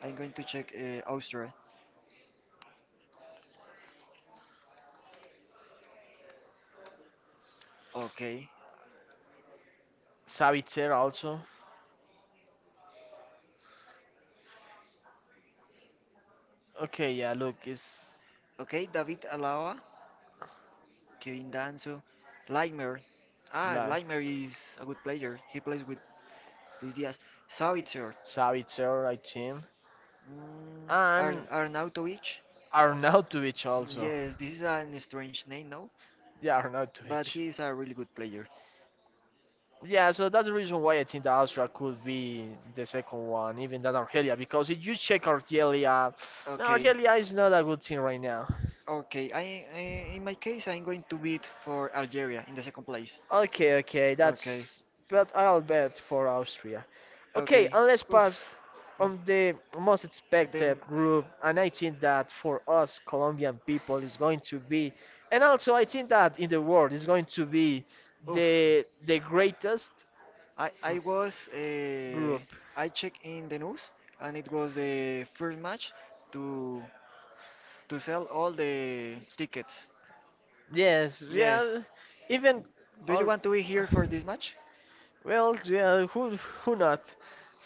[SPEAKER 2] I'm going to check uh, Austria. Okay.
[SPEAKER 1] Savitzer also. Okay, yeah, look, it's
[SPEAKER 2] Okay, David Alaba, Kevin Danso, Laimer. Ah,
[SPEAKER 1] like,
[SPEAKER 2] Laimer is a good player. He plays with Luis Diaz. Savitzer.
[SPEAKER 1] Savitzer, I think.
[SPEAKER 2] Mm,
[SPEAKER 1] Ar
[SPEAKER 2] Ar
[SPEAKER 1] And
[SPEAKER 2] Arnautovic.
[SPEAKER 1] Arnautovic also.
[SPEAKER 2] Yes, this is an strange name, no?
[SPEAKER 1] Yeah, but
[SPEAKER 2] But he
[SPEAKER 1] Arnautovic.
[SPEAKER 2] is a really good player.
[SPEAKER 1] Yeah, so that's the reason why I think that Austria could be the second one, even than Argelia, because if you check Argelia, no,
[SPEAKER 2] Okay,
[SPEAKER 1] Argelia. Argelia is not a good team right now.
[SPEAKER 2] okay. I, I In my case, I'm going to bid for Algeria in the second place.
[SPEAKER 1] Okay, okay,
[SPEAKER 2] Okay,
[SPEAKER 1] that's. But I'll bet for Austria. Okay,
[SPEAKER 2] okay.
[SPEAKER 1] and let's pass
[SPEAKER 2] Oof.
[SPEAKER 1] on the most
[SPEAKER 2] They,
[SPEAKER 1] expected group, and I think that for us Colombian people is going to be, and also I think that in the world is going to be
[SPEAKER 2] oof.
[SPEAKER 1] the the greatest
[SPEAKER 2] I I was uh,
[SPEAKER 1] group.
[SPEAKER 2] I checked in the news, and it was the first match to to sell all the tickets.
[SPEAKER 1] Yes,
[SPEAKER 2] Yes.
[SPEAKER 1] yeah, even
[SPEAKER 2] Do you
[SPEAKER 1] all.
[SPEAKER 2] want to be here for this match?
[SPEAKER 1] Well, yeah, who who not?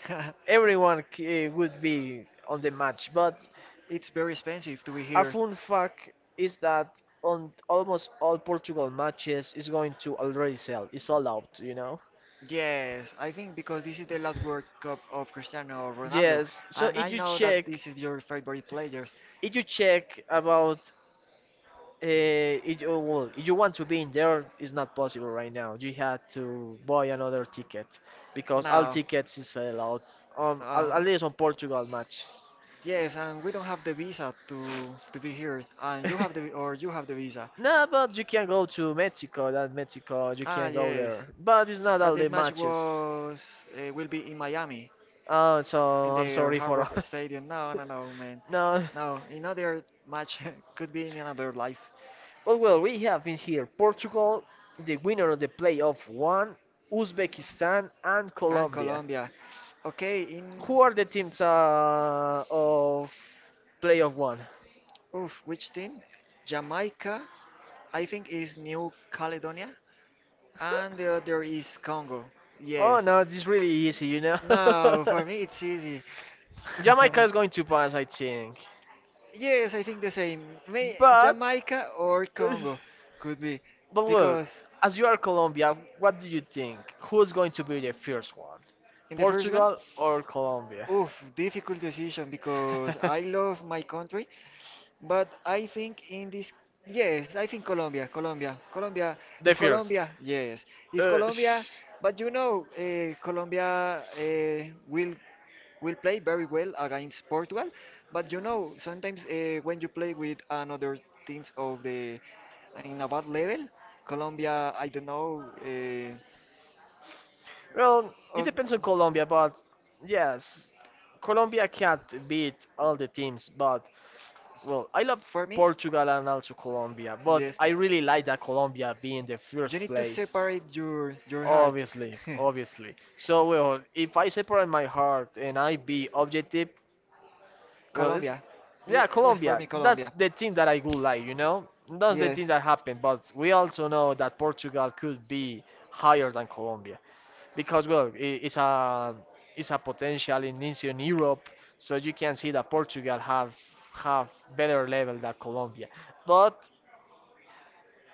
[SPEAKER 1] Everyone uh, would be on the match, but
[SPEAKER 2] It's very expensive to be
[SPEAKER 1] a
[SPEAKER 2] here.
[SPEAKER 1] fun fact is that on almost all Portugal matches is going to already sell. It's all out, you know.
[SPEAKER 2] Yes, I think because this is the last World Cup of Cristiano Ronaldo,
[SPEAKER 1] Yes. So
[SPEAKER 2] and
[SPEAKER 1] if
[SPEAKER 2] I
[SPEAKER 1] you
[SPEAKER 2] know that
[SPEAKER 1] check,
[SPEAKER 2] this is your favorite player.
[SPEAKER 1] if you check about, uh, if you, well, if you want to be in there, it's not possible right now. You had to buy another ticket because all
[SPEAKER 2] No.
[SPEAKER 1] tickets is sold out. Um, at
[SPEAKER 2] Uh,
[SPEAKER 1] at least on Portugal matches.
[SPEAKER 2] yes, and we don't have the visa to to be here, and you have the, or you have the visa.
[SPEAKER 1] No, but you can go to Mexico. That Mexico, you
[SPEAKER 2] Ah,
[SPEAKER 1] can go
[SPEAKER 2] yes.
[SPEAKER 1] there, but it's not
[SPEAKER 2] But
[SPEAKER 1] all the
[SPEAKER 2] this match
[SPEAKER 1] matches.
[SPEAKER 2] was uh, will be in Miami
[SPEAKER 1] Oh,
[SPEAKER 2] in
[SPEAKER 1] so I'm
[SPEAKER 2] their
[SPEAKER 1] sorry
[SPEAKER 2] Hard
[SPEAKER 1] for
[SPEAKER 2] Rock
[SPEAKER 1] all.
[SPEAKER 2] Stadium. No, no, no, man.
[SPEAKER 1] No,
[SPEAKER 2] No, another match could be in another life.
[SPEAKER 1] but well, we have in here Portugal, the winner of the playoff one, Uzbekistan, and
[SPEAKER 2] And
[SPEAKER 1] Colombia.
[SPEAKER 2] Colombia. Okay, in
[SPEAKER 1] Who are the teams uh, of playoff one?
[SPEAKER 2] oof, which team? Jamaica, I think is New Caledonia. And the other is Congo.
[SPEAKER 1] Oh
[SPEAKER 2] Yes.
[SPEAKER 1] no, this is really easy, you know.
[SPEAKER 2] No, for me it's easy.
[SPEAKER 1] Jamaica is going to pass, I think.
[SPEAKER 2] Yes, I think the same. May
[SPEAKER 1] But,
[SPEAKER 2] Jamaica or Congo could be.
[SPEAKER 1] but well,
[SPEAKER 2] Because
[SPEAKER 1] as you are Colombia, what do you think? Who's going to be the first one?
[SPEAKER 2] in the first one,
[SPEAKER 1] Portugal or Colombia?
[SPEAKER 2] oof, difficult decision because I love my country, but I think in this, yes, I think Colombia, Colombia, Colombia.
[SPEAKER 1] The
[SPEAKER 2] If
[SPEAKER 1] first.
[SPEAKER 2] Colombia, yes, if
[SPEAKER 1] Uh,
[SPEAKER 2] Colombia,
[SPEAKER 1] sh-
[SPEAKER 2] but you know, uh, Colombia uh, will will play very well against Portugal. But you know, sometimes uh, when you play with another teams of the in a bad level, Colombia, I don't know. Uh,
[SPEAKER 1] well, it
[SPEAKER 2] us-
[SPEAKER 1] depends on Colombia, but yes, Colombia can't beat all the teams. But well, I love
[SPEAKER 2] for me,
[SPEAKER 1] Portugal and also Colombia, but
[SPEAKER 2] yes,
[SPEAKER 1] I really like that Colombia being the
[SPEAKER 2] you
[SPEAKER 1] first
[SPEAKER 2] need to
[SPEAKER 1] place.
[SPEAKER 2] separate your your heart.
[SPEAKER 1] Obviously, obviously. So well, if I separate my heart and I be objective, well, it's
[SPEAKER 2] Colombia, yeah,
[SPEAKER 1] yeah,
[SPEAKER 2] yes, for
[SPEAKER 1] Colombia.
[SPEAKER 2] me,
[SPEAKER 1] That's
[SPEAKER 2] Colombia.
[SPEAKER 1] the thing that I would like, you know. That's the
[SPEAKER 2] Yes,
[SPEAKER 1] thing that happened. But we also know that Portugal could be higher than Colombia. Because well i- it's a it's a potential in Eastern Europe, so you can see that Portugal have have better level than Colombia, but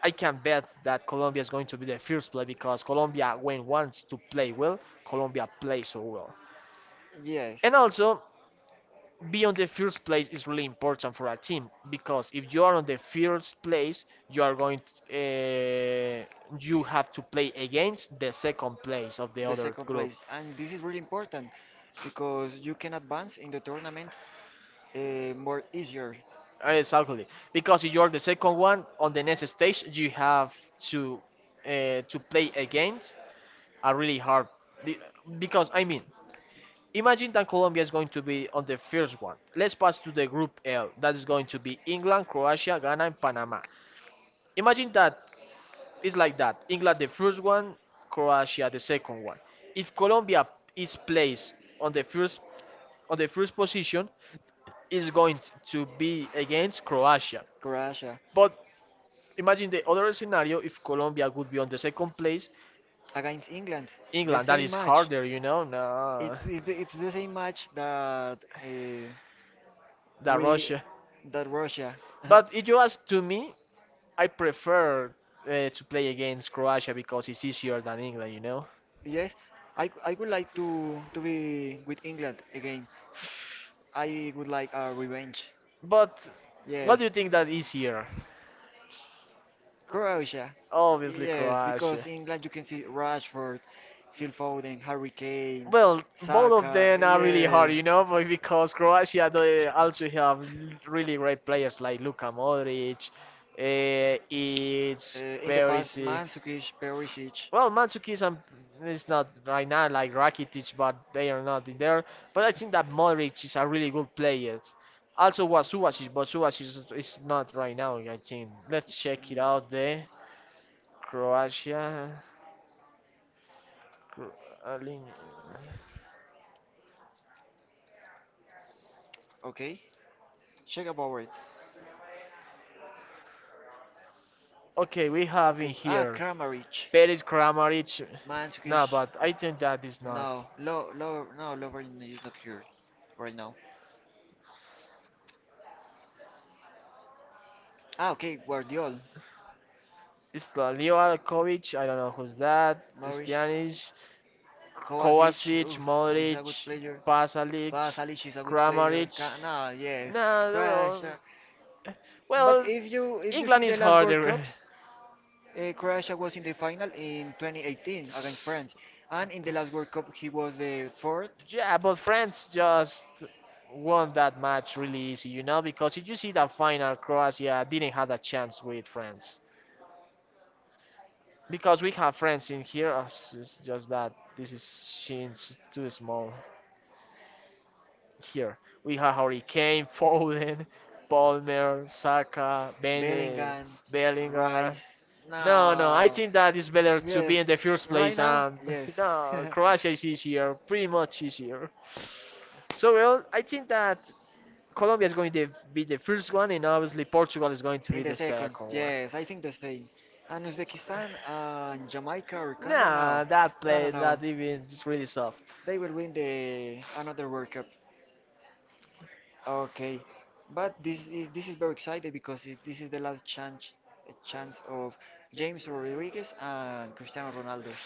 [SPEAKER 1] I can bet that Colombia is going to be the first play because Colombia when wants to play well, Colombia plays so well,
[SPEAKER 2] yes.
[SPEAKER 1] and also be on the first place is really important for a team because if you are on the first place you are going to, uh, you have to play against the second place of the
[SPEAKER 2] The
[SPEAKER 1] other
[SPEAKER 2] second
[SPEAKER 1] group.
[SPEAKER 2] place. And this is really important because you can advance in the tournament uh, more easier.
[SPEAKER 1] Uh, Exactly, because if you're the second one on the next stage, you have to uh, to play against a really hard. be- Because I mean, imagine that Colombia is going to be on the first one. Let's pass to the group L. That is going to be England, Croatia, Ghana, and Panama. Imagine that it's like that. England the first one, Croatia the second one. If Colombia is placed on the first on the first position, is going to be against Croatia.
[SPEAKER 2] Croatia
[SPEAKER 1] But imagine the other scenario if Colombia would be on the second place,
[SPEAKER 2] against England, the
[SPEAKER 1] England, that
[SPEAKER 2] same
[SPEAKER 1] is
[SPEAKER 2] match.
[SPEAKER 1] harder, you know, no,
[SPEAKER 2] It's it, it's the same match that uh,
[SPEAKER 1] than
[SPEAKER 2] we
[SPEAKER 1] Russia.
[SPEAKER 2] that Russia.
[SPEAKER 1] But if you ask to me, I prefer uh, to play against Croatia because it's easier than England, you know.
[SPEAKER 2] Yes, I, I would like to to be with England again. I would like a revenge.
[SPEAKER 1] But what do
[SPEAKER 2] Yes.
[SPEAKER 1] you think that is here?
[SPEAKER 2] Croatia.
[SPEAKER 1] Obviously,
[SPEAKER 2] Yes, because
[SPEAKER 1] Croatia.
[SPEAKER 2] England you can see Rashford, Phil Foden, Harry Kane,
[SPEAKER 1] Well, both of
[SPEAKER 2] Saka.
[SPEAKER 1] them are really hard,
[SPEAKER 2] Yes.
[SPEAKER 1] you know, but because Croatia they also have l- really great players like Luka Modric. Uh,
[SPEAKER 2] Uh,
[SPEAKER 1] it's
[SPEAKER 2] in the past,
[SPEAKER 1] Perisic.
[SPEAKER 2] Mandzukic, Perisic.
[SPEAKER 1] Well, Mandzukic and- is not right now like Rakitic, but they are not in there. But I think that Modric is a really good player. Also, was Subasic, but Subasic is is not right now. I think. Let's check it out. There, Croatia. Cro- Alin-
[SPEAKER 2] Okay. Check about it.
[SPEAKER 1] Okay, we have in
[SPEAKER 2] Okay. Ah,
[SPEAKER 1] here
[SPEAKER 2] Kramaric.
[SPEAKER 1] Peris
[SPEAKER 2] No,
[SPEAKER 1] Kramaric. No,
[SPEAKER 2] Mansukish.
[SPEAKER 1] but I think that is
[SPEAKER 2] Not
[SPEAKER 1] not.
[SPEAKER 2] no. Lo, Lo, no, Lovren is not here right now. Ah, okay. Guardiol.
[SPEAKER 1] It's the Leo Alkovic, I don't know who's that.
[SPEAKER 2] Maurice.
[SPEAKER 1] Kovacic,
[SPEAKER 2] Kovacic.
[SPEAKER 1] Kovacic,
[SPEAKER 2] Oof, this is a
[SPEAKER 1] Modric,
[SPEAKER 2] good player.
[SPEAKER 1] Pasalic,
[SPEAKER 2] Vasalic is a good player.
[SPEAKER 1] Kramaric.
[SPEAKER 2] Ka Nah, yes.
[SPEAKER 1] No,
[SPEAKER 2] Croatia. But well,
[SPEAKER 1] well, uh,
[SPEAKER 2] if
[SPEAKER 1] well,
[SPEAKER 2] you if you see
[SPEAKER 1] England is
[SPEAKER 2] the last World
[SPEAKER 1] harder.
[SPEAKER 2] Cups, uh, Croatia was in the final in twenty eighteen against France, and in the last World Cup he was the fourth.
[SPEAKER 1] Yeah, but France just won that match really easy, you know, because if you see the final, Croatia didn't have a chance with France. Because we have friends in here, us- it's just that this is seems too small here. We have Hurricane, Foden, Palmer, Saka, Bene,
[SPEAKER 2] Bellingham,
[SPEAKER 1] Bellingham.
[SPEAKER 2] Rice.
[SPEAKER 1] No, no, I
[SPEAKER 2] No, no,
[SPEAKER 1] think that it's
[SPEAKER 2] no.
[SPEAKER 1] better to be
[SPEAKER 2] Yes.
[SPEAKER 1] in the first
[SPEAKER 2] Right
[SPEAKER 1] place.
[SPEAKER 2] now?
[SPEAKER 1] And
[SPEAKER 2] Yes.
[SPEAKER 1] no,
[SPEAKER 2] Croatia.
[SPEAKER 1] Croatia is easier, pretty much easier. So well, I think that Colombia is going to be the first one, and obviously Portugal is going to
[SPEAKER 2] In
[SPEAKER 1] be
[SPEAKER 2] the
[SPEAKER 1] the
[SPEAKER 2] second,
[SPEAKER 1] second one.
[SPEAKER 2] yes, I think the same. And Uzbekistan and Jamaica or Congo,
[SPEAKER 1] Nah,
[SPEAKER 2] no.
[SPEAKER 1] that
[SPEAKER 2] No, no,
[SPEAKER 1] play
[SPEAKER 2] no.
[SPEAKER 1] that even is really soft.
[SPEAKER 2] They will win the another World Cup. Okay, but this is this is very exciting because it, this is the last chance chance of James Rodriguez and Cristiano Ronaldo.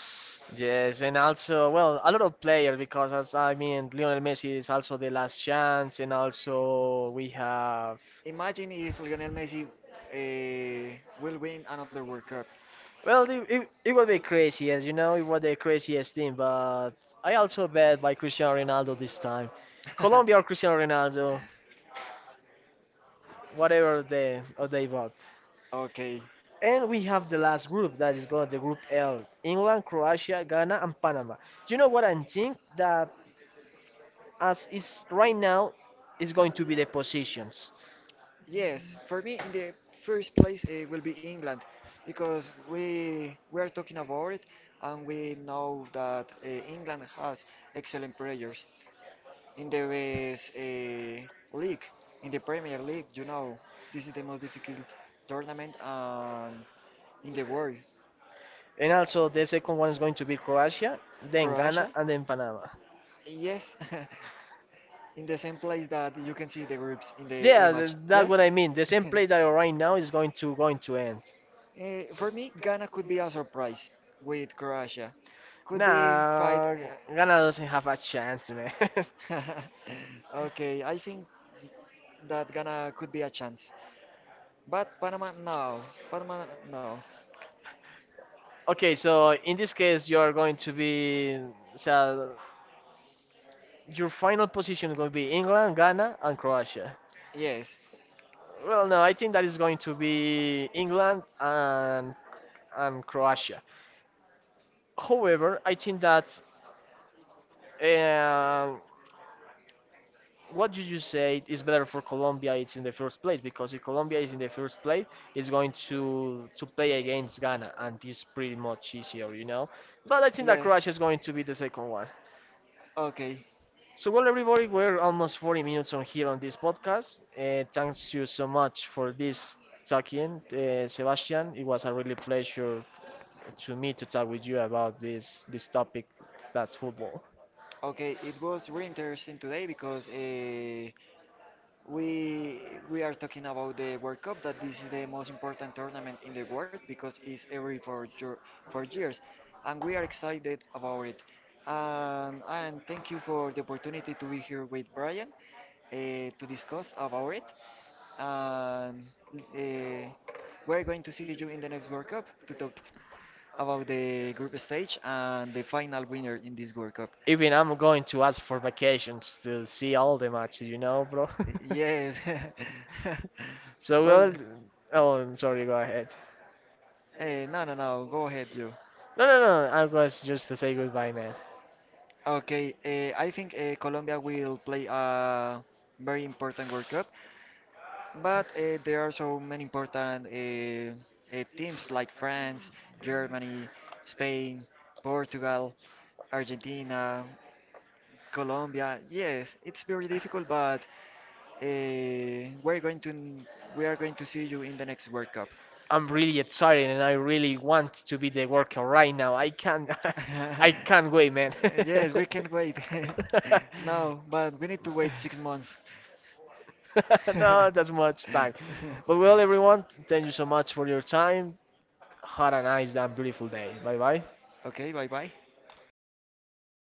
[SPEAKER 1] Yes, and also well, a lot of players because as I mean, Lionel Messi is also the last chance, and also we have
[SPEAKER 2] Imagine if Lionel Messi uh, will win another World Cup.
[SPEAKER 1] well, it, it, it would be crazy, as you know, it was the craziest team. But I also bet by Cristiano Ronaldo this time, Colombia or Cristiano Ronaldo, whatever they or they bought.
[SPEAKER 2] Okay.
[SPEAKER 1] And we have the last group that is going the group L: England, Croatia, Ghana, and Panama. Do you know what I think that as is right now is going to be the positions,
[SPEAKER 2] Yes, for me in the first place uh, will be England because we we are talking about it, and we know that uh, England has excellent players. In the best eh, league, in the Premier League. You know, this is the most difficult tournament um, in the world.
[SPEAKER 1] and also the second one is going to be Croatia, then Ghana,
[SPEAKER 2] Croatia,
[SPEAKER 1] and then Panama.
[SPEAKER 2] yes, in the same place that you can see the groups in the
[SPEAKER 1] Yeah, th-
[SPEAKER 2] image.
[SPEAKER 1] that's
[SPEAKER 2] Yes.
[SPEAKER 1] what I mean. The same place that are right now is going to going to end.
[SPEAKER 2] Eh, for me, Ghana could be a surprise with Croatia. Could be fight.
[SPEAKER 1] Nah, Ghana doesn't have a chance, man.
[SPEAKER 2] eh, okay, I think that Ghana could be a chance. But Panama, no. Panama, no.
[SPEAKER 1] Okay, so in this case, you are going to be so your final position is going to be England, Ghana, and Croatia.
[SPEAKER 2] Yes.
[SPEAKER 1] Well, no, I think that is going to be England and and Croatia. However, I think that uh, what you just said is better for Colombia. It's in the first place because if Colombia is in the first place, it's going to to play against Ghana, and it's pretty much easier, you know. But I think that
[SPEAKER 2] Yes,
[SPEAKER 1] Croatia is going to be the second one.
[SPEAKER 2] okay.
[SPEAKER 1] So well, everybody, we're almost forty minutes on here on this podcast. Uh, thanks you so much for this talking, uh, Sebastian. It was a really pleasure to me to talk with you about this this topic that's football.
[SPEAKER 2] Okay, it was really interesting today because uh, we we are talking about the World Cup, that this is the most important tournament in the world because it's every four year, four years, and we are excited about it. And and thank you for the opportunity to be here with Brian uh, to discuss about it. And uh, we're going to see you in the next World Cup to talk about the group stage and the final winner in this World Cup.
[SPEAKER 1] Even I'm going to ask for vacations to see all the matches, you know, bro.
[SPEAKER 2] Yes.
[SPEAKER 1] So well,
[SPEAKER 2] Well,
[SPEAKER 1] oh, I'm sorry, go ahead.
[SPEAKER 2] eh, no, no, no. Go ahead, you.
[SPEAKER 1] No, no, no. I was just to say goodbye, man.
[SPEAKER 2] Okay, eh, I think eh, Colombia will play a very important World Cup, but eh, there are so many important eh, eh, teams like France, Germany, Spain, Portugal, Argentina, Colombia. Yes, it's very difficult, but eh, we're going to we are going to see you in the next World Cup.
[SPEAKER 1] I'm really excited and I really want to be the worker right now. I can't, I can't wait, man.
[SPEAKER 2] Uh, yes, we can't wait. No, but we need to wait six months.
[SPEAKER 1] No, that's much time. But well, everyone, thank you so much for your time. Had a nice and beautiful day. Bye bye.
[SPEAKER 2] Okay, bye bye.